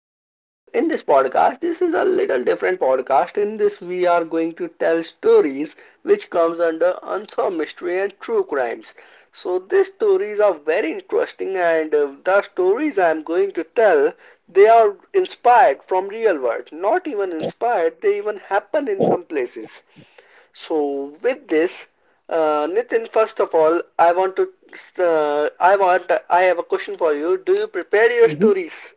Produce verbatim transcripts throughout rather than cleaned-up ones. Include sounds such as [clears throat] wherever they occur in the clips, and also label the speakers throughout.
Speaker 1: in this podcast, this is a little different podcast. In this, we are going to tell stories which comes under unsolved mystery and true crimes. So, these stories are very interesting, and uh, the stories I am going to tell, they are inspired from real world. Not even inspired, they even happen in some places. So with this, uh, Nitin, first of all, I want to uh, I want I have a question for you. Do you prepare your
Speaker 2: Mhm.
Speaker 1: stories?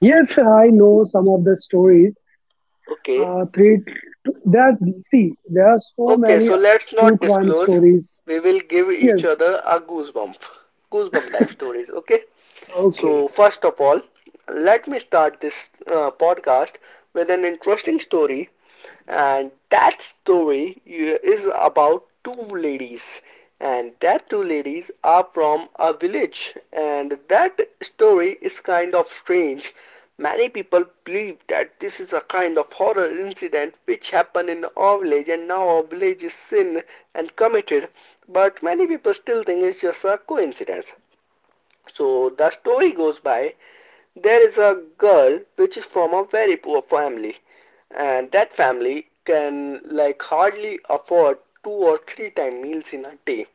Speaker 2: Yes, I know some of the stories.
Speaker 1: Okay.
Speaker 2: Uh, three, there's see, there are so
Speaker 1: Okay,
Speaker 2: many
Speaker 1: so let's
Speaker 2: true
Speaker 1: not
Speaker 2: crime
Speaker 1: disclose.
Speaker 2: stories.
Speaker 1: We will give each
Speaker 2: Yes,
Speaker 1: other a goosebump, goosebump type stories. Okay. So
Speaker 2: okay.
Speaker 1: first of all, let me start this uh, podcast with an interesting story, and that story is about two ladies, and that two ladies are from a village, and that story is kind of strange. Many people believe that this is a kind of horror incident which happened in our village and now our village is sin and committed, but many people still think it's just a coincidence. So the story goes by there is a girl which is from a very poor family and that family can like hardly afford two or three time meals in a day,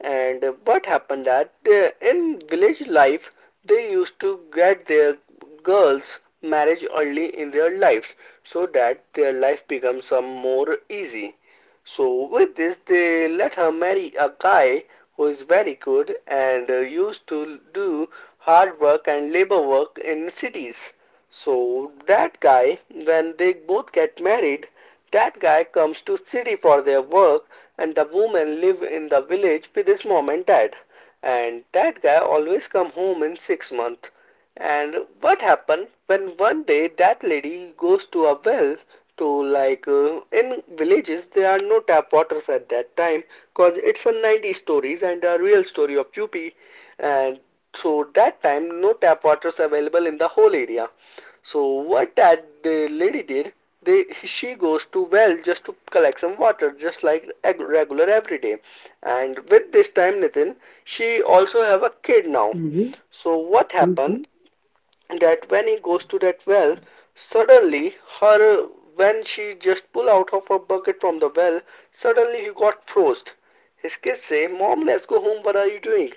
Speaker 1: and uh, what happened that uh, in village life they used to get their girls marriage early in their lives so that their life becomes some more easy. So with this they let her marry a guy who is very good and uh, used to do hard work and labor work in cities. So that guy, when they both get married, that guy comes to city for their work and the woman live in the village with his mom and dad. And that guy always come home in six months. And what happened when one day that lady goes to a well to like uh, in villages there are no tap waters at that time, cause it's a ninety stories and a real story of U P. And so that time no tap waters available in the whole area, so what that the lady did, they she goes to well just to collect some water, just like regular every day. And with this time, Nitin, she also have a kid now.
Speaker 2: Mm-hmm.
Speaker 1: So what
Speaker 2: Mm-hmm.
Speaker 1: happened that when he goes to that well, suddenly her, when she just pull out of her bucket from the well, suddenly he got froze. His kids say, "Mom, let's go home. What are you doing?"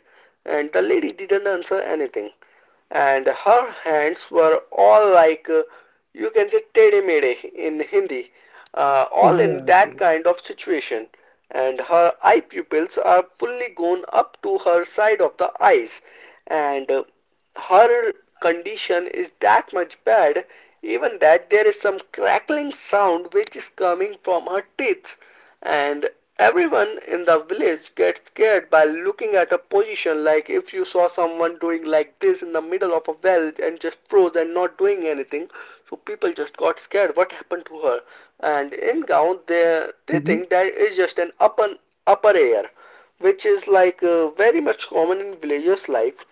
Speaker 1: And the lady didn't answer anything, and her hands were all like uh, you can say tede mede in Hindi, uh, all in that
Speaker 2: Exactly.
Speaker 1: kind of situation. And her eye pupils are fully gone up to her side of the eyes, and uh, her condition is that much bad, even that there is some crackling sound which is coming from her teeth. And everyone in the village gets scared by looking at a position, like if you saw someone doing like this in the middle of a well and just froze and not doing anything. So people just got scared what happened to her. And in gaon they they
Speaker 2: Mm-hmm.
Speaker 1: think that is just an upper upper air which is like uh, very much common in villagers life.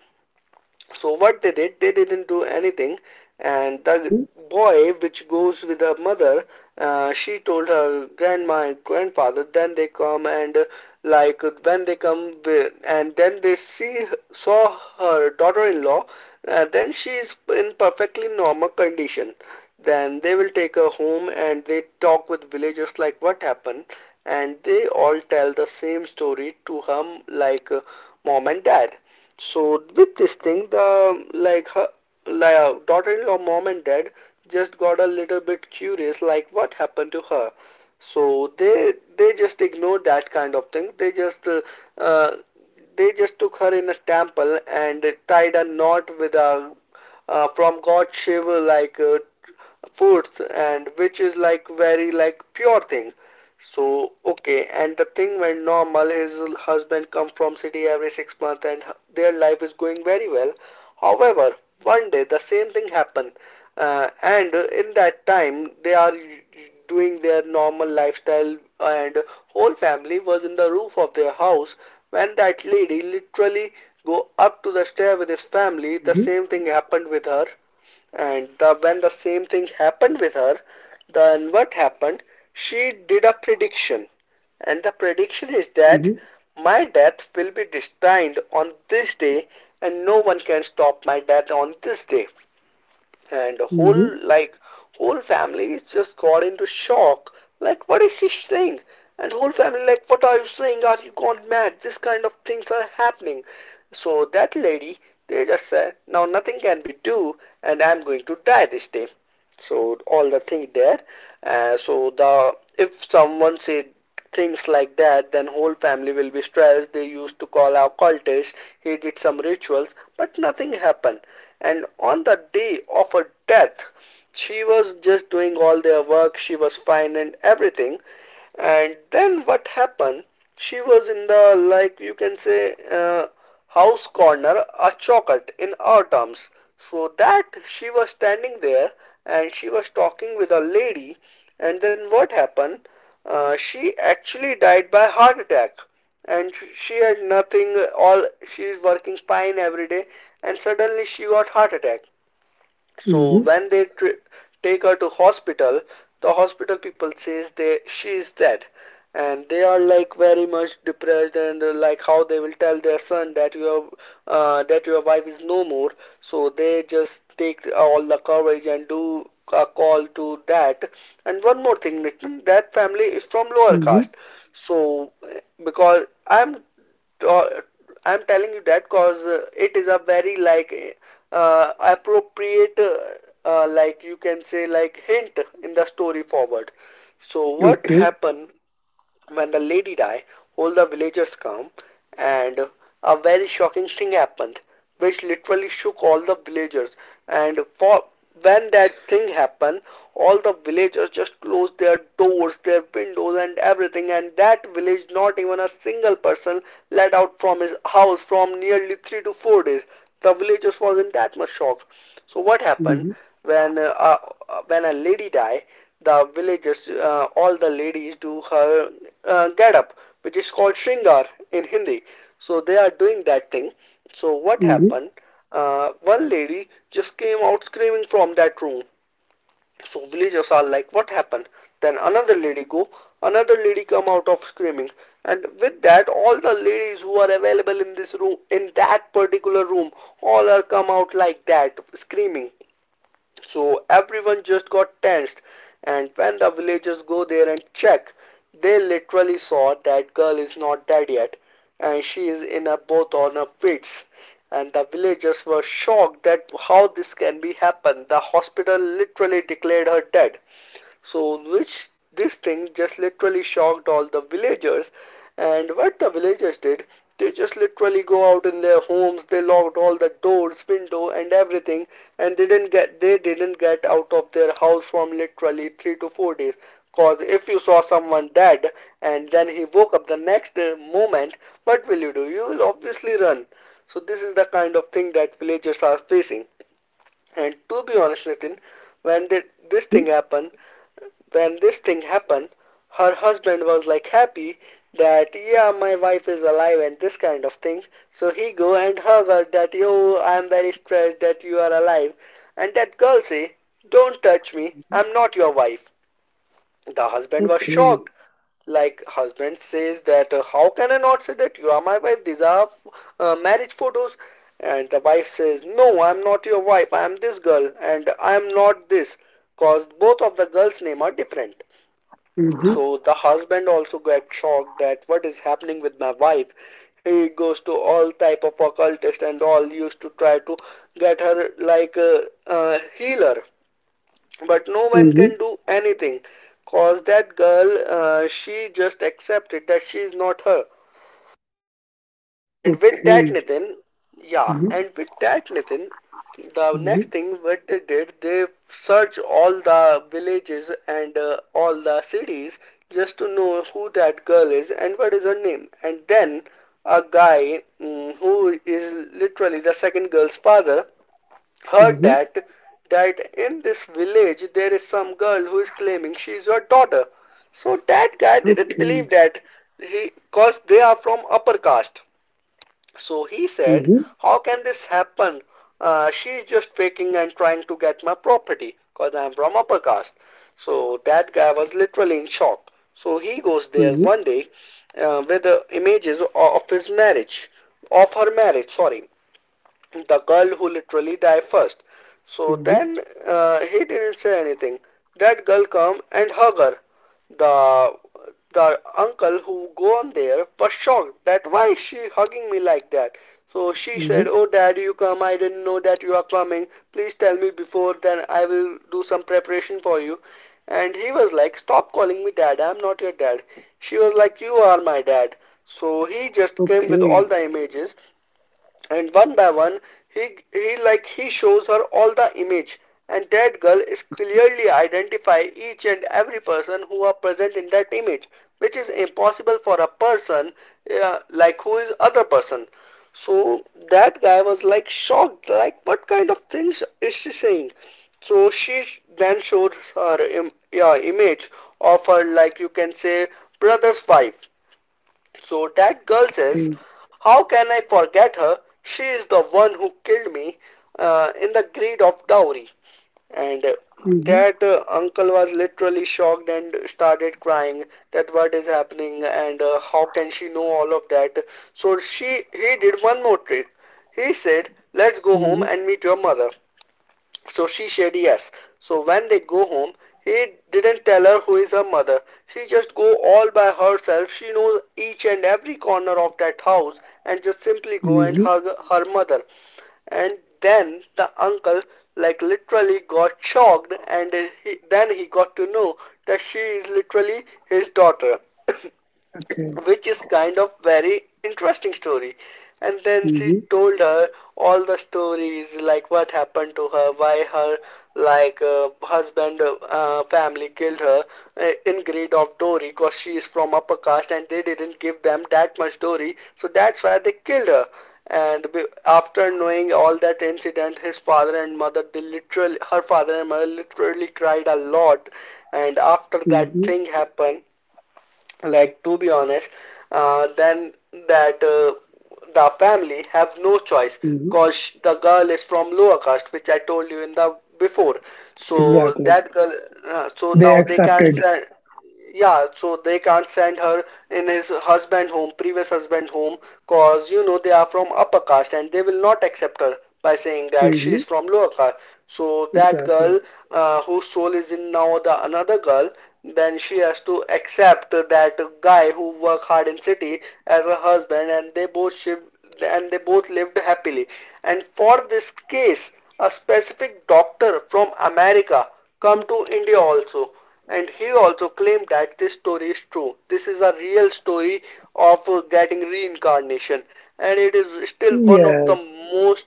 Speaker 1: So what they did, they didn't do anything, and the
Speaker 2: Mm-hmm.
Speaker 1: boy which goes with her mother, uh, she told her grandma and grandfather. Then they come and uh, like when they come with, and then they see saw her daughter-in-law. Uh, then she is in perfectly normal condition. Then they will take her home and they talk with villagers like what happened, and they all tell the same story to him like uh, mom and dad. So with this thing, the like her like, uh, daughter-in-law mom and dad just got a little bit curious, like what happened to her. So they they just ignored that kind of thing. They just uh, uh, they just took her in a temple and tied a knot with a uh, from God Shiva like uh, foods and which is like very like pure thing. So okay, and the thing went normal. His husband come from city every six months, and their life is going very well. However, one day the same thing happened, uh, and in that time they are doing their normal lifestyle, and whole family was in the roof of their house when that lady literally go up to the stair with his family. The
Speaker 2: Mm-hmm.
Speaker 1: same thing happened with her, and the, when the same thing happened with her, then what happened? She did a prediction. And the prediction is that my death will be destined on this day, and no one can stop my death on this day. And the
Speaker 2: Mm-hmm.
Speaker 1: whole like whole family just got into shock, like what is she saying, and whole family like what are you saying, are you gone mad, this kind of things are happening. So that lady, they just said now nothing can be do and I'm going to die this day. So all the thing there, uh, so the if someone said things like that then whole family will be stressed, they used to call occultists. He did some rituals but nothing happened. And on the day of her death she was just doing all their work, she was fine and everything. And then what happened? She was in the, like you can say, uh, house corner, a chocolate in our terms. So that she was standing there and she was talking with a lady. And then what happened? Uh, she actually died by heart attack. And she had nothing, all she is working fine every day. And suddenly she got heart attack.
Speaker 2: Mm-hmm.
Speaker 1: So
Speaker 2: Mm-hmm.
Speaker 1: when they tr- take her to hospital, the hospital people says they she is dead, and they are like very much depressed, and uh, like how they will tell their son that your uh, that your wife is no more. So they just take all the courage and do a call to that. And one more thing Nitin, that family is from lower
Speaker 2: Mm-hmm.
Speaker 1: caste. So uh, because i'm uh, I'm telling you that cause uh, it is a very like uh, appropriate uh, uh, like you can say like hint in the story forward. So what
Speaker 2: Okay.
Speaker 1: happened when the lady died, all the villagers came, and a very shocking thing happened, which literally shook all the villagers. And for when that thing happened, all the villagers just closed their doors, their windows, and everything. And that village, not even a single person let out from his house from nearly three to four days. The villagers was in that much shock. So what happened
Speaker 2: Mm-hmm.
Speaker 1: when uh, uh, when a lady died? The villagers, uh, all the ladies do her uh, get up, which is called shringar in Hindi. So they are doing that thing. So what
Speaker 2: Mm-hmm.
Speaker 1: happened? Uh, one lady just came out screaming from that room. So villagers are like, what happened? Then another lady go, another lady come out of screaming, and with that, all the ladies who are available in this room, in that particular room, all are come out like that screaming. So everyone just got tensed, and when the villagers go there and check, they literally saw that girl is not dead yet, and she is in a boat on her feet. And the villagers were shocked that how this can be happened. The hospital literally declared her dead. So, which this thing just literally shocked all the villagers. And what the villagers did, they just literally go out in their homes, they locked all the doors, window, and everything, and they didn't get they didn't get out of their house from literally three to four days. Cause if you saw someone dead and then he woke up the next moment, what will you do? You will obviously run. So this is the kind of thing that villagers are facing. And to be honest, Nitin, when did this
Speaker 2: Mm-hmm.
Speaker 1: thing happen? When this thing happened, her husband was like happy that yeah, my wife is alive and this kind of thing. So he go and hug her that yo, I'm very stressed that you are alive. And that girl say, don't touch me, I'm not your wife. The husband was
Speaker 2: Okay.
Speaker 1: shocked, like husband says that uh, how can I not say that you are my wife, these are uh, marriage photos. And the wife says no, I'm not your wife, I am this girl and I am not this, cause both of the girls name are different.
Speaker 2: Mm-hmm.
Speaker 1: So the husband also got shocked that what is happening with my wife. He goes to all type of occultist and all used to try to get her like a, a healer, but no one can
Speaker 2: Mm-hmm.
Speaker 1: do anything, cause that girl, uh, she just accepted that she is not her. And with that,
Speaker 2: Okay.
Speaker 1: Nitin, yeah,
Speaker 2: Mm-hmm.
Speaker 1: and with that, Nitin, the next
Speaker 2: Mm-hmm.
Speaker 1: thing what they did, they searched all the villages and uh, all the cities just to know who that girl is and what is her name. And then a guy mm, who is literally the second girl's father, heard
Speaker 2: Mm-hmm.
Speaker 1: that that in this village there is some girl who is claiming she is your daughter. So that guy didn't believe
Speaker 2: Okay.
Speaker 1: that he cause they are from upper caste. So he said,
Speaker 2: Mm-hmm.
Speaker 1: how can this happen? Uh, she is just faking and trying to get my property because I am from upper caste. So that guy was literally in shock. So he goes there
Speaker 2: Mm-hmm.
Speaker 1: one day uh, with the images of his marriage, of her marriage, sorry, the girl who literally died first. So
Speaker 2: Mm-hmm.
Speaker 1: then uh, he didn't say anything. That girl come and hug her. The the uncle who gone there was shocked that why is she hugging me like that. So she said,
Speaker 2: Mm-hmm.
Speaker 1: "Oh dad, you come. I didn't know that you are coming. Please tell me before then I will do some preparation for you." And he was like, "Stop calling me dad. I'm not your dad." She was like, "You are my dad." So he just came with all
Speaker 2: Okay.
Speaker 1: the images and one by one he he like he shows her all the image and that girl is clearly identify each and every person who are present in that image which is impossible for a person, uh, like who is other person. So that guy was like shocked like what kind of things is she saying. So she then showed her Im- yeah, image of her like you can say brother's wife. So that girl says,
Speaker 2: Okay.
Speaker 1: how can I forget her? She is the one who killed me uh, in the greed of dowry. And uh,
Speaker 2: Mm-hmm.
Speaker 1: that uh, uncle was literally shocked and started crying that what is happening and uh, how can she know all of that. So she He did one more trick. He said, let's go home
Speaker 2: Hmm.
Speaker 1: and meet your mother. So she said yes. So when they go home, he didn't tell her who is her mother. She just go all by herself. She knows each and every corner of that house and just simply go and
Speaker 2: Hmm.
Speaker 1: hug her mother. And then the uncle like literally got shocked and he, then he got to know that she is literally his daughter,
Speaker 2: Okay.
Speaker 1: which is kind of very interesting story. And then she
Speaker 2: Hmm.
Speaker 1: told her all the stories like what happened to her, why her, like uh, husband uh, family killed her uh, in greed of dowry because she is from upper caste and they didn't give them that much dowry, so that's why they killed her. And after knowing all that incident, his father and mother they literally her father and mother literally cried a lot. And after that
Speaker 2: Hmm.
Speaker 1: thing happened, like to be honest, uh, then that uh, the family have no choice
Speaker 2: Hmm.
Speaker 1: cause the girl is from lower caste, which I told you in the before. So
Speaker 2: Exactly.
Speaker 1: that girl, uh, so
Speaker 2: They
Speaker 1: now they can't
Speaker 2: accepted.
Speaker 1: send, yeah so they can't send her in his husband home, previous husband home, cause you know they are from upper caste and they will not accept her by saying that she
Speaker 2: Hmm.
Speaker 1: is from lower caste. So that
Speaker 2: Exactly.
Speaker 1: girl, uh, whose soul is in now the another girl, then she has to accept that guy who work hard in city as a husband, and they both shift and they both lived happily. And for this case, a specific doctor from America come to India also, and he also claimed that this story is true. This is a real story of uh, getting reincarnation, and it is still one of the
Speaker 2: Yes.
Speaker 1: most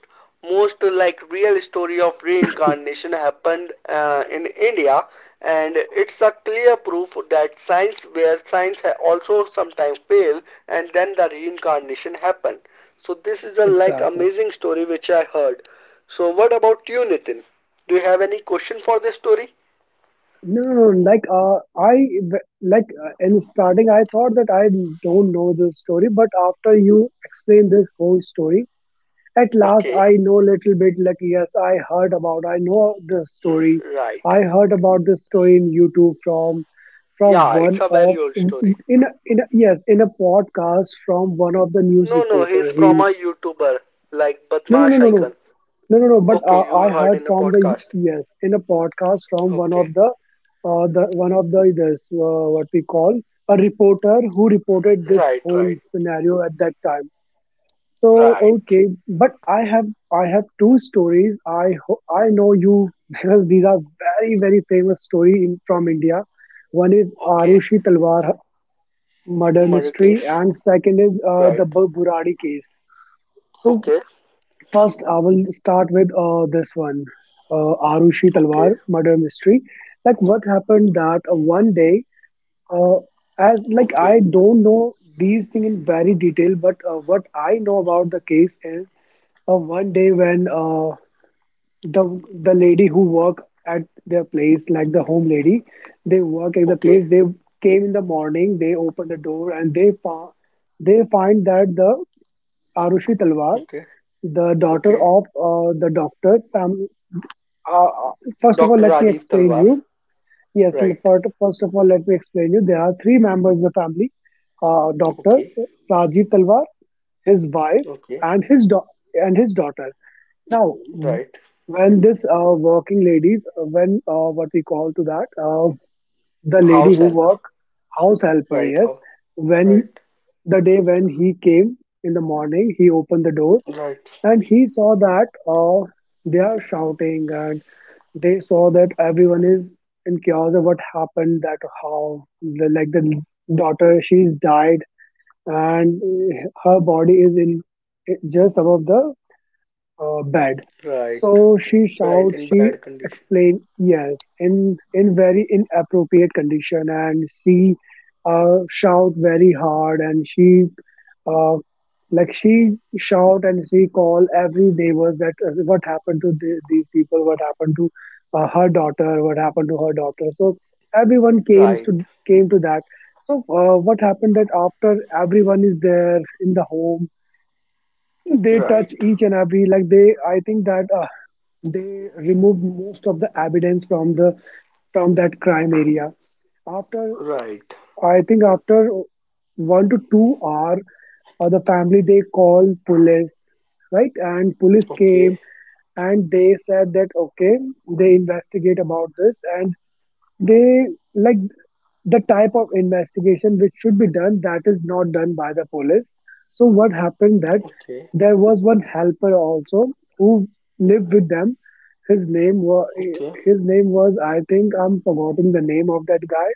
Speaker 1: most, uh, like, real story of reincarnation happened uh, in India. And it's a clear proof that science where science also sometimes fail, and then the reincarnation happen. So this is a like
Speaker 2: Exactly.
Speaker 1: amazing story which I heard. So what about you, Nitin? Do you have any question for this story?
Speaker 2: No, no, no, like uh, I w- like uh, in starting I thought that I don't know the story, but after you explain this whole story, at last,
Speaker 1: Okay,
Speaker 2: I know little bit. Like yes, I heard about. I know the story.
Speaker 1: right.
Speaker 2: I heard about this story in YouTube from from
Speaker 1: Yeah,
Speaker 2: one
Speaker 1: it's a
Speaker 2: of
Speaker 1: very old story.
Speaker 2: in a, in a, yes, in a podcast from one of the news
Speaker 1: No, no,
Speaker 2: reporter.
Speaker 1: he's from
Speaker 2: He.
Speaker 1: a YouTuber like
Speaker 2: No, no, no,
Speaker 1: Badmash
Speaker 2: no, no,
Speaker 1: Icon.
Speaker 2: no, no, no. But
Speaker 1: Okay,
Speaker 2: uh, I
Speaker 1: you heard
Speaker 2: heard
Speaker 1: in a
Speaker 2: from the,
Speaker 1: podcast.
Speaker 2: yes, in a podcast from one
Speaker 1: Okay,
Speaker 2: of the uh, the one of the this, uh, what we call a reporter who reported this
Speaker 1: right,
Speaker 2: whole
Speaker 1: right,
Speaker 2: scenario at that time. So
Speaker 1: right.
Speaker 2: okay, but I have I have two stories. I ho- I know you [laughs] because these are very very famous story in, from India. One is
Speaker 1: Okay,
Speaker 2: Arushi Talwar murder mystery,
Speaker 1: Marrakesh.
Speaker 2: and second is uh, the
Speaker 1: Right.
Speaker 2: Bu- Buradi case. So
Speaker 1: Okay,
Speaker 2: first, I will start with uh, this one, uh, Arushi
Speaker 1: okay,
Speaker 2: Talwar murder mystery. Like what happened that uh, one day, uh, as, like, I
Speaker 1: okay,
Speaker 2: don't know these things in very detail, but uh, what I know about the case is, uh, one day when uh, the the lady who work at their place, like the home lady, they work at the place.
Speaker 1: okay,
Speaker 2: They came in the morning. They open the door and they fa- they find that the Arushi Talwar,
Speaker 1: okay,
Speaker 2: the daughter
Speaker 1: okay.
Speaker 2: of uh, the doctor. Fam- uh, uh, First of all,
Speaker 1: doctor
Speaker 2: let me
Speaker 1: Rajiv
Speaker 2: explain
Speaker 1: Talwar.
Speaker 2: you. Yes, l-
Speaker 1: Right.
Speaker 2: fir- first of all, let me explain you. There are three members of the family: uh, Doctor
Speaker 1: Okay,
Speaker 2: Rajiv Talwar, his wife,
Speaker 1: okay,
Speaker 2: and his do- and his daughter. Now, w-
Speaker 1: right.
Speaker 2: when this, uh, working ladies, uh, when uh, what we call to that, uh, the
Speaker 1: House
Speaker 2: lady who
Speaker 1: help.
Speaker 2: work, house helper,
Speaker 1: Right.
Speaker 2: yes,
Speaker 1: How.
Speaker 2: when he,
Speaker 1: Right.
Speaker 2: the day when he came in the morning, he opened the door
Speaker 1: Right.
Speaker 2: and he saw that, uh, they are shouting, and they saw that everyone is in chaos of what happened, that how the, like the daughter she's died, and uh, her body is in just above the uh, bed.
Speaker 1: Right.
Speaker 2: So, she
Speaker 1: Right.
Speaker 2: shouts,
Speaker 1: In
Speaker 2: she
Speaker 1: bad condition.
Speaker 2: explained, yes, in, in very inappropriate condition. And she, uh, shout very hard, and she uh, like she shout and she call every neighbors that, uh, what happened to the, these people, what happened to, uh, her daughter, what happened to her daughter. So everyone came
Speaker 1: Right.
Speaker 2: to came to that. So, uh, what happened that after everyone is there in the home, they touch
Speaker 1: Right.
Speaker 2: each and every, like they. I think that uh, they removed most of the evidence from the from that crime area. After,
Speaker 1: Right.
Speaker 2: I think, after one to two hour, uh, the family they called police, right? And police
Speaker 1: Okay.
Speaker 2: came, and they said that okay, they investigate about this, and they, like the type of investigation which should be done, that is not done by the police. So what happened that
Speaker 1: Okay.
Speaker 2: there was one helper also, who lived with them. His name was
Speaker 1: Okay.
Speaker 2: his name was I think I'm forgetting the name of that guy.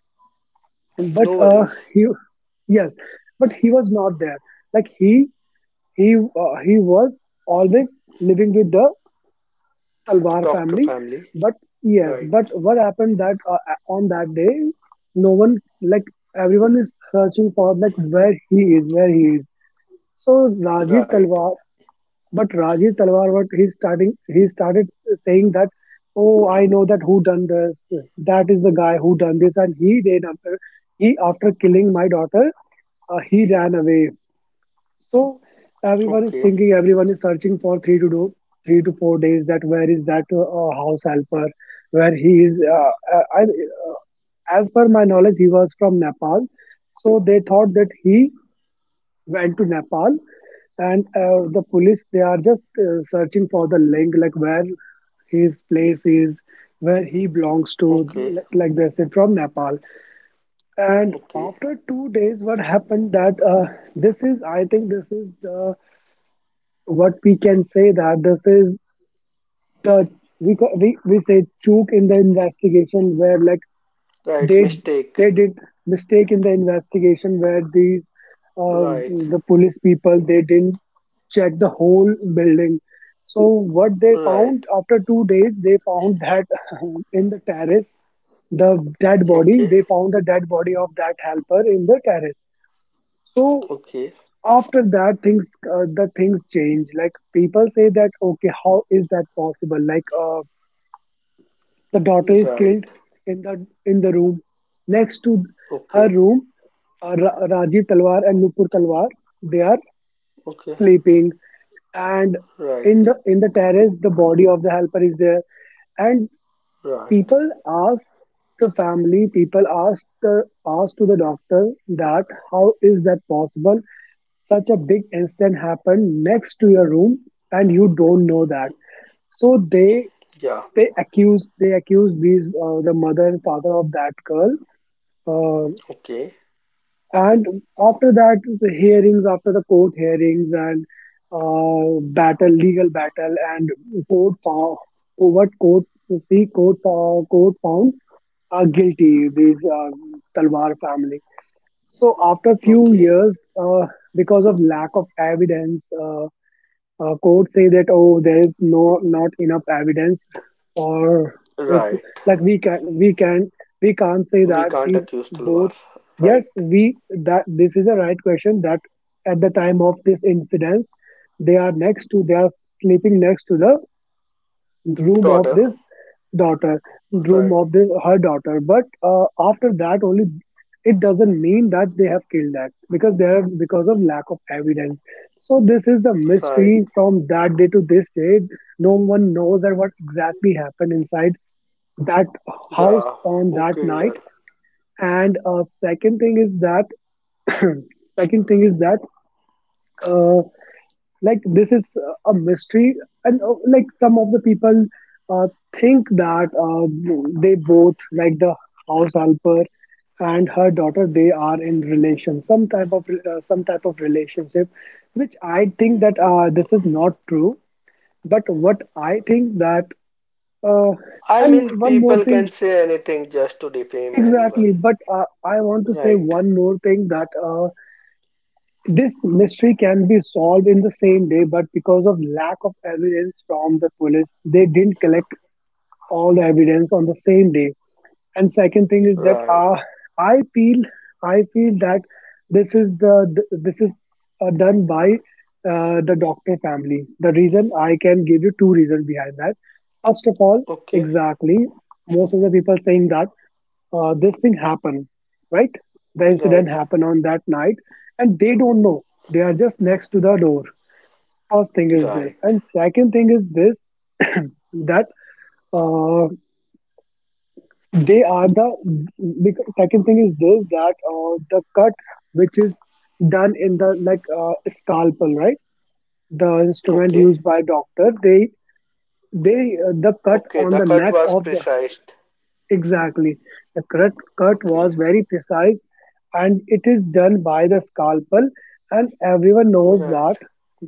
Speaker 2: But
Speaker 1: No
Speaker 2: uh,
Speaker 1: worries.
Speaker 2: he, yes, but he was not there, like he he uh, he was always living with the Talwar
Speaker 1: Doctor
Speaker 2: family.
Speaker 1: family.
Speaker 2: But yes,
Speaker 1: Right.
Speaker 2: but what happened that, uh, on that day, no one, like everyone is searching for, like where he is, where he is. So Rajiv
Speaker 1: Right.
Speaker 2: Talwar, but Rajiv Talwar, what he starting, he started saying that, oh, I know that who done this. That is the guy who done this, and he did after he after killing my daughter, uh, he ran away. So everyone is
Speaker 1: Okay.
Speaker 2: thinking, everyone is searching for three to do three to four days. That where is that, uh, uh, house helper? Where he is? Uh, uh, I, uh, as per my knowledge, he was from Nepal. So they thought that he went to Nepal, and uh, the police they are just uh, searching for the link, like where his place is, where he belongs to,
Speaker 1: Okay.
Speaker 2: like, like they said from Nepal. And
Speaker 1: Okay.
Speaker 2: after two days, what happened that, uh, this is, I think, this is the, what we can say that this is the, we ca- we, we say choke in the investigation, where like
Speaker 1: Right.
Speaker 2: they
Speaker 1: Mistake.
Speaker 2: they did mistake in the investigation, where these, uh,
Speaker 1: Right.
Speaker 2: the police people they didn't check the whole building. So what they found,
Speaker 1: Right.
Speaker 2: after two days they found that, [laughs] in the terrace, the dead body,
Speaker 1: Okay.
Speaker 2: they found the dead body of that helper in the terrace. So
Speaker 1: Okay.
Speaker 2: after that, things uh, the things change, like people say that okay, how is that possible, like, uh, the daughter is killed
Speaker 1: Right.
Speaker 2: in the in the room next to her
Speaker 1: Okay.
Speaker 2: room, uh, Ra- Rajiv Talwar and Nupur Talwar, they are
Speaker 1: Okay.
Speaker 2: sleeping, and in
Speaker 1: Right.
Speaker 2: the in the terrace the body of the helper is there. And
Speaker 1: Right.
Speaker 2: people ask, the family people ask, the ask to the doctor that how is that possible, such a big incident happened next to your room and you don't know that. So they
Speaker 1: Yeah.
Speaker 2: they accuse, they accuse these, uh, the mother and father of that girl, uh,
Speaker 1: Okay.
Speaker 2: and after that, the hearings after the court hearings, and uh, battle, legal battle, and court found what court see court uh, court found uh, guilty these, uh, Talwar family. So after few
Speaker 1: Okay.
Speaker 2: years, uh, because of lack of evidence, uh, uh, courts say that oh, there is no, not enough evidence, or if,
Speaker 1: Right.
Speaker 2: like, we can we can we can't say
Speaker 1: We
Speaker 2: that
Speaker 1: can't
Speaker 2: these
Speaker 1: accuse
Speaker 2: both.
Speaker 1: Talwar.
Speaker 2: Yes,
Speaker 1: Right.
Speaker 2: we that this is a right question, that at the time of this incident, they are next to they are sleeping next to the room of
Speaker 1: Daughter.
Speaker 2: this daughter, room
Speaker 1: Right.
Speaker 2: of this, her daughter. But uh, after that only, it doesn't mean that they have killed that, because they have because of lack of evidence. So this is the
Speaker 1: Right.
Speaker 2: mystery, from that day to this day no one knows that what exactly happened inside that house
Speaker 1: Yeah.
Speaker 2: on
Speaker 1: Who
Speaker 2: that
Speaker 1: killed
Speaker 2: night.
Speaker 1: her?
Speaker 2: And uh, second thing is that, [coughs] [clears throat] second thing is that, uh, like, this is, uh, a mystery. And uh, like some of the people, uh, think that, uh, they both, like the house helper and her daughter, they are in relation, some type of, uh, some type of relationship, which I think that, uh, this is not true. But what I think that, uh,
Speaker 1: I
Speaker 2: and
Speaker 1: mean,
Speaker 2: one more
Speaker 1: people
Speaker 2: thing,
Speaker 1: can say anything just to defame anyone.
Speaker 2: exactly, but uh, I want to say
Speaker 1: Right.
Speaker 2: one more thing that, uh, this mystery can be solved in the same day, but because of lack of evidence from the police, they didn't collect all the evidence on the same day. And second thing is that, uh,
Speaker 1: Right.
Speaker 2: i feel i feel that, this is the th- this is, uh, done by, uh, the doctor family. The reason I can give you two reasons behind that. First of all,
Speaker 1: Okay.
Speaker 2: exactly, most of the people saying that, uh, this thing happened, right? The incident
Speaker 1: Right.
Speaker 2: happened on that night, and they don't know, they are just next to the door. First thing is this,
Speaker 1: Right.
Speaker 2: and second thing is this. [clears throat] That, uh, they are the because second thing is this, that, uh, the cut which is done in the, like, uh, scalpel, right? The instrument
Speaker 1: Okay.
Speaker 2: used by doctor, they, they uh, the cut
Speaker 1: Okay.
Speaker 2: on
Speaker 1: The
Speaker 2: the
Speaker 1: cut
Speaker 2: neck
Speaker 1: was
Speaker 2: of the,
Speaker 1: precise.
Speaker 2: exactly, the cut cut
Speaker 1: Okay.
Speaker 2: was very precise, and it is done by the scalpel. And everyone knows that
Speaker 1: Right.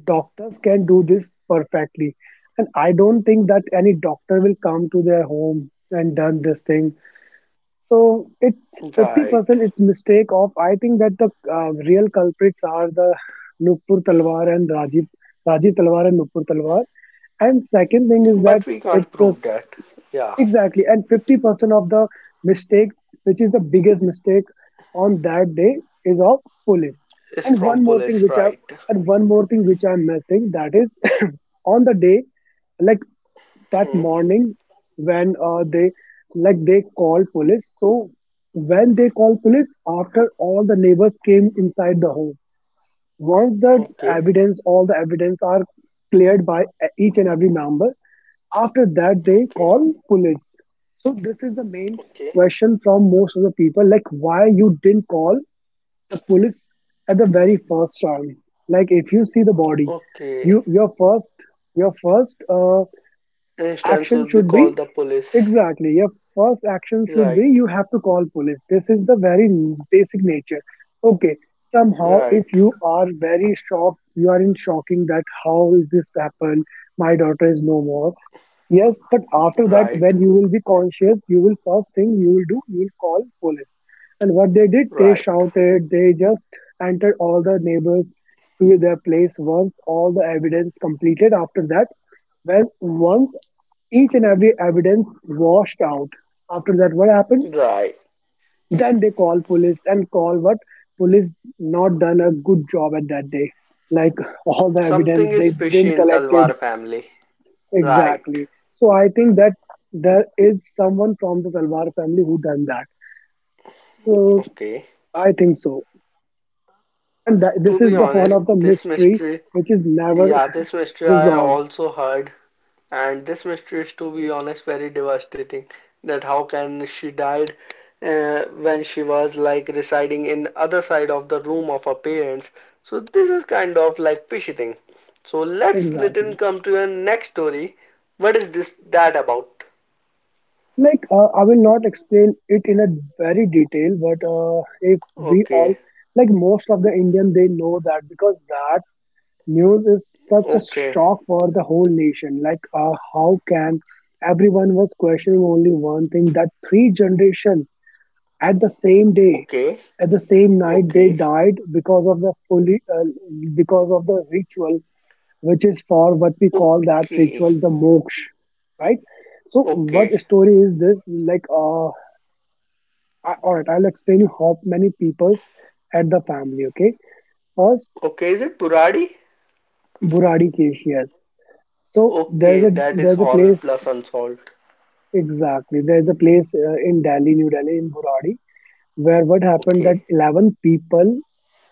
Speaker 2: doctors can do this perfectly, and I don't think that any doctor will come to their home and done this thing. So it's
Speaker 1: Right.
Speaker 2: fifty percent, it's mistake of, I think that the, uh, real culprits are the Nupur Talwar and Rajiv Rajiv Talwar and Nupur Talwar. And second thing is that,
Speaker 1: But we can't
Speaker 2: it's, uh,
Speaker 1: prove that. Yeah.
Speaker 2: exactly, and fifty percent of the mistake, which is the biggest mistake on that day, is of police.
Speaker 1: It's
Speaker 2: And
Speaker 1: from
Speaker 2: one more thing
Speaker 1: police.
Speaker 2: which I
Speaker 1: Right.
Speaker 2: and one more thing which I'm missing, that is, [coughs] [clears throat] on the day, like that
Speaker 1: Hmm.
Speaker 2: morning, when uh, they like they called police. So when they called police, after all the neighbors came inside the home, once the
Speaker 1: Okay.
Speaker 2: evidence all the evidence are cleared by e, each and every member. After that, they
Speaker 1: Okay.
Speaker 2: call police. So this is the main
Speaker 1: Okay.
Speaker 2: question from most of the people: like, why you didn't call the police at the very first time? Like, if you see the body,
Speaker 1: Okay.
Speaker 2: you your first your first uh,
Speaker 1: Instance
Speaker 2: Action
Speaker 1: would be
Speaker 2: should be
Speaker 1: called the police.
Speaker 2: exactly. Your first action should be,
Speaker 1: Right,
Speaker 2: you have to call police. This is the very n- basic nature. Okay, somehow if
Speaker 1: right,
Speaker 2: you are very shocked, you are in shocking that how is this happened? My daughter is no more. Yes, but after that,
Speaker 1: right,
Speaker 2: when you will be conscious, you will first thing you will do, you will call police. And what they did, they
Speaker 1: right,
Speaker 2: shouted, they just entered all the neighbors to their place once all the evidence completed. After that, when once each and every evidence washed out. After that, what happened?
Speaker 1: right.
Speaker 2: Then they call police and call what? Police not done a good job at that day. Like [laughs] all the evidence
Speaker 1: Something is
Speaker 2: they
Speaker 1: fishy
Speaker 2: didn't
Speaker 1: in
Speaker 2: collect
Speaker 1: Talwar
Speaker 2: it
Speaker 1: family. Right.
Speaker 2: exactly. So I think that there is someone from the Talwar family who done that. So
Speaker 1: Okay.
Speaker 2: I think so. And that,
Speaker 1: To
Speaker 2: this
Speaker 1: be
Speaker 2: is the one
Speaker 1: honest,
Speaker 2: of the
Speaker 1: this
Speaker 2: mystery
Speaker 1: mystery,
Speaker 2: which is never
Speaker 1: yeah, this
Speaker 2: [laughs]
Speaker 1: mystery I
Speaker 2: resolved.
Speaker 1: also heard. And this mystery is, to be honest, very devastating. That how can she died uh, when she was like residing in other side of the room of her parents. So this is kind of like fishy thing. So let's
Speaker 2: Exactly.
Speaker 1: Nitin come to your next story. What is this that about?
Speaker 2: Like, uh, I will not explain it in a very detail, but uh, if we all,
Speaker 1: Okay,
Speaker 2: like most of the Indian, they know that because that news is such a
Speaker 1: okay,
Speaker 2: shock for the whole nation. Like, uh, how can everyone was questioning only one thing that three generation at the same day,
Speaker 1: okay,
Speaker 2: at the same night, they
Speaker 1: okay,
Speaker 2: died because of the fully, uh, because of the ritual which is for what we call that
Speaker 1: okay,
Speaker 2: ritual the moksha, right? So, what
Speaker 1: okay,
Speaker 2: story is this? Like, uh, I, all right, I'll explain you how many peoples at the family. Okay, first
Speaker 1: okay. Is it Puradi?
Speaker 2: Buradi Keshias. So there's
Speaker 1: Okay,
Speaker 2: a
Speaker 1: that is
Speaker 2: there's a
Speaker 1: horror
Speaker 2: place
Speaker 1: plus unsolved.
Speaker 2: exactly there's a place uh, in Delhi, New Delhi, in Buradi, where what happened that
Speaker 1: Okay,
Speaker 2: eleven people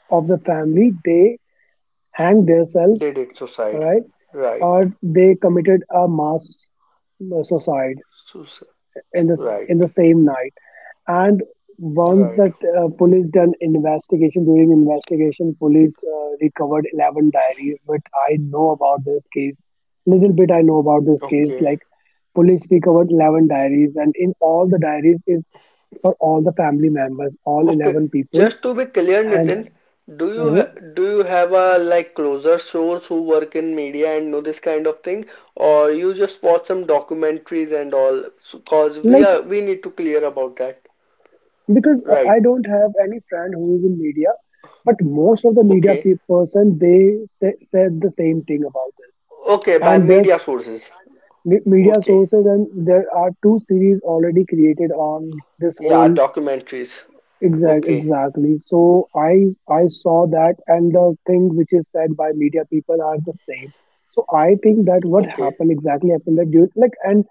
Speaker 2: of the family they hanged themselves,
Speaker 1: they did
Speaker 2: all
Speaker 1: suicide.
Speaker 2: right,
Speaker 1: Right.
Speaker 2: or they committed a mass suicide.
Speaker 1: Suicide.
Speaker 2: In the s-
Speaker 1: Right,
Speaker 2: in the same night. And once
Speaker 1: right.
Speaker 2: that uh, police done investigation during investigation, police uh, recovered eleven diaries. But I know about this case little bit. I know about this case
Speaker 1: Okay,
Speaker 2: like police recovered eleven diaries and in all the diaries is for all the family members all
Speaker 1: okay.
Speaker 2: eleven people
Speaker 1: Just to be clear,
Speaker 2: and
Speaker 1: Nitin, do you
Speaker 2: uh,
Speaker 1: ha do you have a like closer source who work in media and know this kind of thing, or you just watch some documentaries and all? So, cause we
Speaker 2: like
Speaker 1: are we need to clear about that.
Speaker 2: because uh, I
Speaker 1: Right.
Speaker 2: don't have any friend who is in media but most of the media
Speaker 1: Okay.
Speaker 2: pe- person they say, said the same thing about this
Speaker 1: Okay. By
Speaker 2: and
Speaker 1: media
Speaker 2: there's
Speaker 1: sources.
Speaker 2: me- media
Speaker 1: Okay.
Speaker 2: sources and there are two series already created on this
Speaker 1: Yeah.
Speaker 2: whole
Speaker 1: Documentaries.
Speaker 2: exact
Speaker 1: Okay.
Speaker 2: exactly so i i saw that and the thing which is said by media people are the same so I think that what
Speaker 1: Okay.
Speaker 2: happened exactly happened that during like and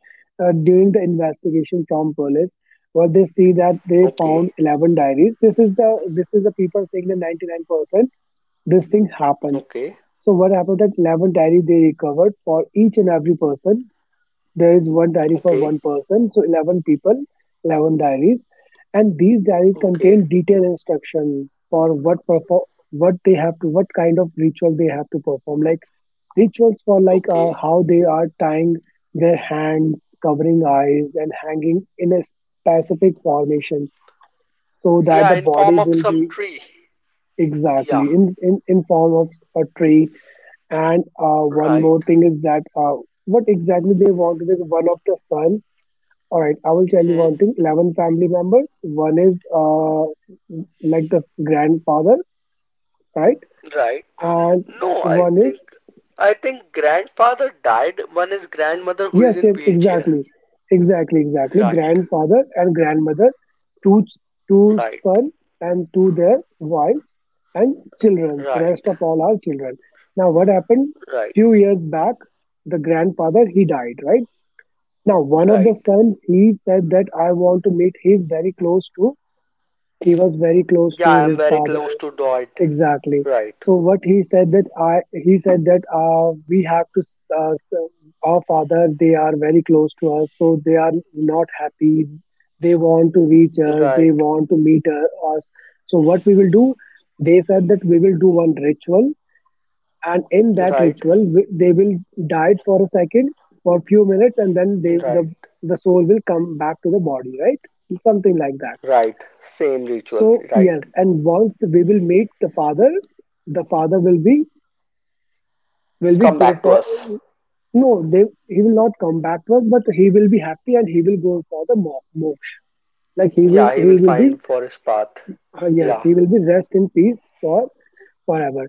Speaker 2: uh, during the investigation from police what they see that they
Speaker 1: Okay.
Speaker 2: found eleven diaries. This is the this is the people saying the ninety-nine percent this thing happened
Speaker 1: Okay.
Speaker 2: so what happened that eleven diaries they recovered for each and every person there is one diary for
Speaker 1: Okay.
Speaker 2: one person so eleven people eleven diaries and these diaries
Speaker 1: Okay.
Speaker 2: contain detailed instruction for what perform what they have to what kind of ritual they have to perform like rituals for like uh,
Speaker 1: Okay.
Speaker 2: how they are tying their hands covering eyes and hanging in a specific formation so that
Speaker 1: Yeah.
Speaker 2: the
Speaker 1: In
Speaker 2: body
Speaker 1: form of
Speaker 2: will
Speaker 1: some
Speaker 2: be
Speaker 1: tree. Yeah,
Speaker 2: exactly in in, in form of a tree and uh, one
Speaker 1: right.
Speaker 2: more thing is that uh, what exactly they want is one of the sun. All right, I will tell you
Speaker 1: Hmm,
Speaker 2: one thing. eleven family members. One is uh, like the grandfather, right?
Speaker 1: right. N-
Speaker 2: And
Speaker 1: No, I
Speaker 2: one is,
Speaker 1: think, I think grandfather died. One is grandmother who is
Speaker 2: yes,
Speaker 1: in
Speaker 2: yes,
Speaker 1: wheelchair.
Speaker 2: exactly. Exactly, exactly.
Speaker 1: Right,
Speaker 2: Grandfather and grandmother, two, ch- two
Speaker 1: right,
Speaker 2: son and two their wives and children. Rest
Speaker 1: right,
Speaker 2: of all are children. Now, what happened?
Speaker 1: right,
Speaker 2: Few years back, the grandfather, he died, right? Now, one of the
Speaker 1: right.
Speaker 2: son, he said that I want to meet, he's very close to. He was very close
Speaker 1: Yeah,
Speaker 2: to
Speaker 1: I am
Speaker 2: his
Speaker 1: very
Speaker 2: father.
Speaker 1: close to Dot.
Speaker 2: Exactly.
Speaker 1: Right,
Speaker 2: So what he said that I he said that uh, we have to s- uh, s- our father they are very close to us so they are not happy. They want to reach us. They
Speaker 1: right,
Speaker 2: want to meet uh, us. So what we will do? They said that we will do one ritual and in that
Speaker 1: right,
Speaker 2: ritual we, they will die for a second for a few minutes and then they the
Speaker 1: right,
Speaker 2: the soul will come back to the body right something like that
Speaker 1: right. Same ritual.
Speaker 2: so
Speaker 1: Right.
Speaker 2: yes, and once the- we will meet the father, the father will be will be
Speaker 1: Come
Speaker 2: go
Speaker 1: back to
Speaker 2: for
Speaker 1: us.
Speaker 2: no, they he will not come back to us, but he will be happy and he will go for the mo- moksha. Like he will
Speaker 1: Yeah, he
Speaker 2: he
Speaker 1: will
Speaker 2: will be
Speaker 1: find for his path.
Speaker 2: uh, yes,
Speaker 1: Yeah,
Speaker 2: he will be rest in peace for forever,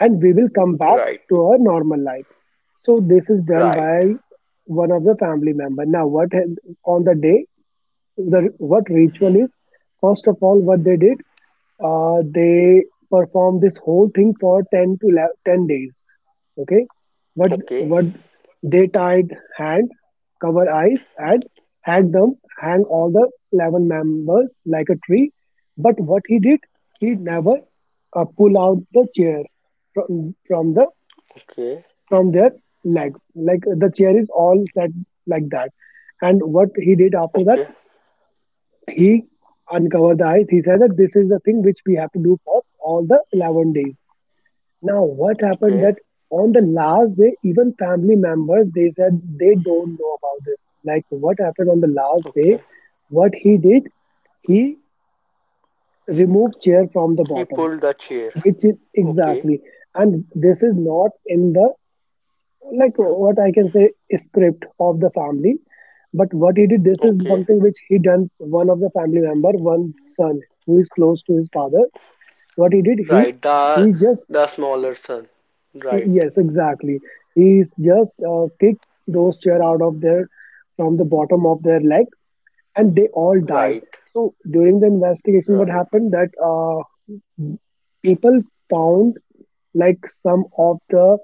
Speaker 2: and we will come back
Speaker 1: right,
Speaker 2: to our normal life. So this is done
Speaker 1: right.
Speaker 2: by one of the family member. Now what hap- on the day? The what ritual
Speaker 1: Hmm.
Speaker 2: is first of all what they did uh, they performed this whole thing for ten to eleven ten days. Okay, what
Speaker 1: Okay,
Speaker 2: what they tied hand cover eyes and hang them hang all the eleven members like a tree but what he did he never uh, pull out the chair from from the
Speaker 1: okay,
Speaker 2: from their legs like the chair is all set like that and what he did after that
Speaker 1: okay,
Speaker 2: he uncovered the eyes. He said that this is the thing which we have to do for all the eleven days. Now, what happened
Speaker 1: okay.
Speaker 2: that on the last day, even family members, they said they don't know about this. Like what happened on the last day,
Speaker 1: Okay.
Speaker 2: what he did, he removed chair from the
Speaker 1: He
Speaker 2: bottom,
Speaker 1: pulled the chair.
Speaker 2: which is
Speaker 1: Okay.
Speaker 2: exactly. And this is not in the like what I can say script of the family. But what he did, this is
Speaker 1: Okay.
Speaker 2: something which he done. One of the family member, one son who is close to his father. What he did, he
Speaker 1: Right. The
Speaker 2: he just
Speaker 1: the smaller son. Right.
Speaker 2: yes, exactly. He's just uh, kicked those chair out of their from the bottom of their leg, and they all died.
Speaker 1: Right.
Speaker 2: So during the investigation, what
Speaker 1: Right.
Speaker 2: happened that uh, people found like some of the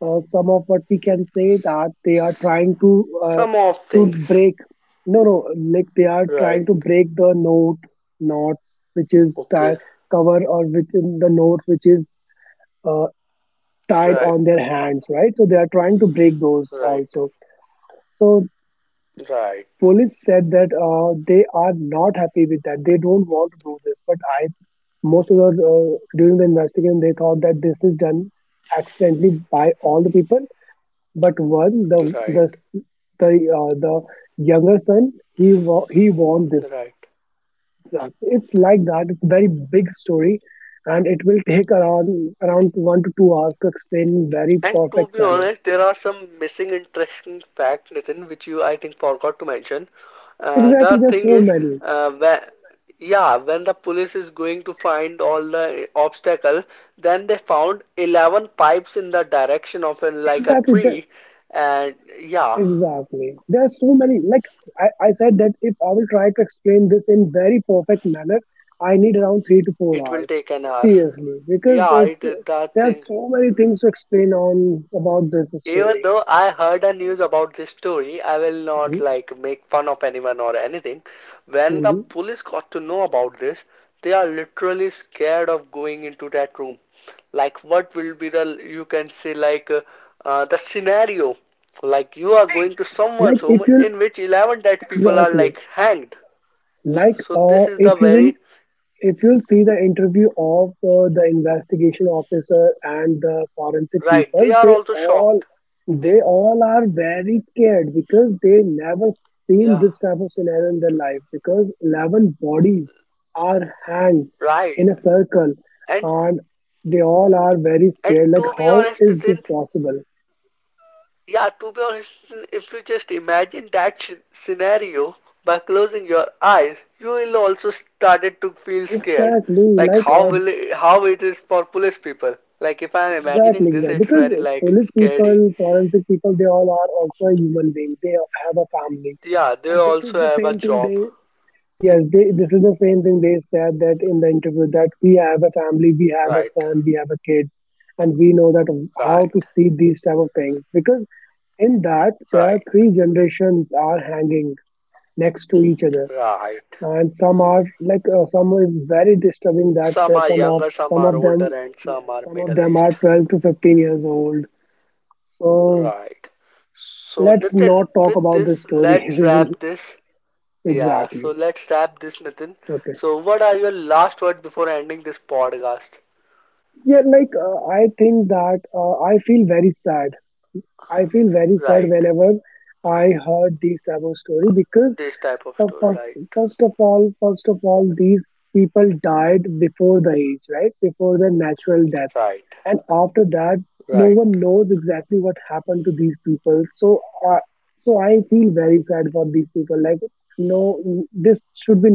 Speaker 2: uh, some of what we can say
Speaker 1: S-
Speaker 2: that they are trying to uh,
Speaker 1: Some of
Speaker 2: to
Speaker 1: things.
Speaker 2: break no no like they are trying
Speaker 1: Right.
Speaker 2: to break the note knots which is tied
Speaker 1: Okay.
Speaker 2: cover or within the note which is uh, tied
Speaker 1: Right.
Speaker 2: on their hands right so they are trying to break those
Speaker 1: Right.
Speaker 2: also so
Speaker 1: Right.
Speaker 2: police said that uh, they are not happy with that they don't want to do this but I most of the uh, during the investigation they thought that this is done accidentally by all the people. But one, the
Speaker 1: Right.
Speaker 2: the s- the uh, the younger son, he wa- he won this.
Speaker 1: Right.
Speaker 2: Exactly. It's like that. It's a very big story, and it will take around around one to two hours to explain in very
Speaker 1: And to
Speaker 2: perfect
Speaker 1: be
Speaker 2: manner.
Speaker 1: honest, there are some missing interesting fact, Nitin, which you I think forgot to mention. Uh, the
Speaker 2: Exactly. There's
Speaker 1: thing
Speaker 2: so
Speaker 1: is,
Speaker 2: many.
Speaker 1: uh, when, yeah, when the police is going to find all the obstacle, then they found eleven pipes in the direction of a, like a
Speaker 2: Exactly. There,
Speaker 1: tree, and yeah,
Speaker 2: exactly. There are so many. Like I, I said that if I will try to explain this in very perfect manner, I need around three to four
Speaker 1: it will
Speaker 2: hours.
Speaker 1: take an hour.
Speaker 2: Seriously, because
Speaker 1: Yeah,
Speaker 2: it's
Speaker 1: it that
Speaker 2: there are
Speaker 1: thing.
Speaker 2: so many things to explain on about this
Speaker 1: Even
Speaker 2: story.
Speaker 1: though I heard a news about this story, I will not
Speaker 2: Mhm,
Speaker 1: like make fun of anyone or anything. When the
Speaker 2: mhm.
Speaker 1: police got to know about this, they are literally scared of going into that room. Like, what will be the you can say like uh, uh, the scenario? Like, you are
Speaker 2: See,
Speaker 1: going to
Speaker 2: like
Speaker 1: someone's
Speaker 2: if
Speaker 1: home
Speaker 2: you'll
Speaker 1: in which eleven dead people are
Speaker 2: exactly
Speaker 1: like hanged.
Speaker 2: like
Speaker 1: So
Speaker 2: uh
Speaker 1: this is the
Speaker 2: if you will
Speaker 1: very
Speaker 2: if you'll see the interview of uh, the investigation officer and the forensic
Speaker 1: right.
Speaker 2: people,
Speaker 1: They are
Speaker 2: they
Speaker 1: also
Speaker 2: all
Speaker 1: shocked.
Speaker 2: they all are very scared because they never seen
Speaker 1: Yeah,
Speaker 2: this type of scenario in their life because eleven bodies are hanged
Speaker 1: right.
Speaker 2: in a circle
Speaker 1: And
Speaker 2: and they all are very
Speaker 1: and
Speaker 2: scared like
Speaker 1: to be
Speaker 2: how
Speaker 1: honest,
Speaker 2: is this
Speaker 1: Nitin,
Speaker 2: possible
Speaker 1: yeah, to be honest, if you just imagine that sh- scenario by closing your eyes, you will also started to feel scared.
Speaker 2: exactly
Speaker 1: Like
Speaker 2: like
Speaker 1: how
Speaker 2: uh,
Speaker 1: will it, how it is for police people. Like if I'm imagining
Speaker 2: exactly,
Speaker 1: this,
Speaker 2: exactly.
Speaker 1: it's
Speaker 2: Because
Speaker 1: very like
Speaker 2: police
Speaker 1: scary.
Speaker 2: people, forensic people, they all are also a human being. They have a family,
Speaker 1: Yeah, they
Speaker 2: and this is
Speaker 1: also
Speaker 2: the
Speaker 1: have a
Speaker 2: same thing.
Speaker 1: job.
Speaker 2: They yes, they this is the same thing they said that in the interview that we have a family, we have a
Speaker 1: Right,
Speaker 2: son, we have a kid, and we know that how
Speaker 1: right,
Speaker 2: to see these type of things because in that there are
Speaker 1: right,
Speaker 2: three generations are hanging next to each other
Speaker 1: right.
Speaker 2: and some are like uh, some is very disturbing that
Speaker 1: Some
Speaker 2: uh,
Speaker 1: are
Speaker 2: some of
Speaker 1: younger, some
Speaker 2: some
Speaker 1: are
Speaker 2: of
Speaker 1: older,
Speaker 2: them
Speaker 1: and
Speaker 2: yeah
Speaker 1: some are
Speaker 2: some of
Speaker 1: middle
Speaker 2: them are
Speaker 1: aged.
Speaker 2: twelve to fifteen years old so
Speaker 1: Right. So,
Speaker 2: let's
Speaker 1: Nitin,
Speaker 2: not talk
Speaker 1: with
Speaker 2: about this
Speaker 1: this,
Speaker 2: story [laughs]
Speaker 1: let's
Speaker 2: we will
Speaker 1: wrap this. Yeah, so
Speaker 2: exactly
Speaker 1: let's wrap this, Nitin.
Speaker 2: okay
Speaker 1: So, what are your last words before ending this podcast?
Speaker 2: yeah like uh, I think that uh, I feel very sad. I feel very sad
Speaker 1: Right.
Speaker 2: whenever I heard these type of story because
Speaker 1: This type of
Speaker 2: Uh,
Speaker 1: story.
Speaker 2: first,
Speaker 1: Right.
Speaker 2: first of all, first of all, these people died before the age, right? Before the natural death,
Speaker 1: Right.
Speaker 2: and after that, no
Speaker 1: Right.
Speaker 2: one knows exactly what happened to these people. So, uh, so I feel very sad for these people. Like, no, this should be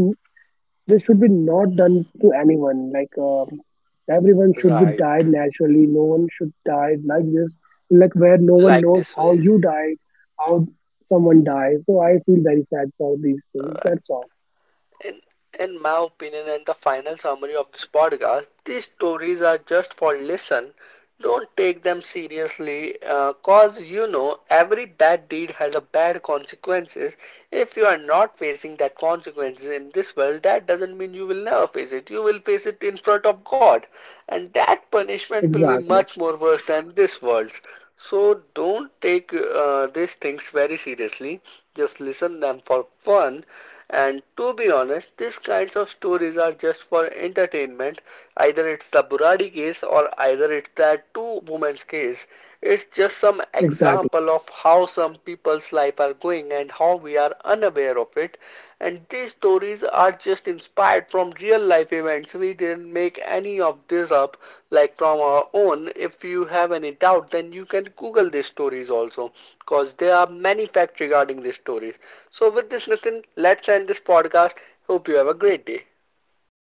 Speaker 2: this should be not done to anyone. Like um, everyone should be
Speaker 1: Right.
Speaker 2: died naturally. No one should die like this, like where no one
Speaker 1: Like
Speaker 2: knows
Speaker 1: this
Speaker 2: how
Speaker 1: way.
Speaker 2: you died, how someone dies. So I feel very sad for these things.
Speaker 1: Right.
Speaker 2: That's all.
Speaker 1: In, in my opinion, and the final summary of this podcast, these stories are just for listen. Don't take them seriously, uh, cause you know every bad deed has a bad consequences. If you are not facing that consequences in this world, that doesn't mean you will never face it. You will face it in front of God, and that punishment will be
Speaker 2: Exactly.
Speaker 1: much more worse than this world's. So don't take uh, these things very seriously. Just listen them for fun, and to be honest, these kinds of stories are just for entertainment. Either it's the Buradi case or either it's that two women's case. It's just some
Speaker 2: Exactly.
Speaker 1: example of how some people's life are going and how we are unaware of it. And these stories are just inspired from real life events. We didn't make any of this up like from our own. If you have any doubt, then you can Google these stories also because there are many facts regarding these stories. So, with this, Nitin, let's end this podcast. Hope you have a great day.
Speaker 2: You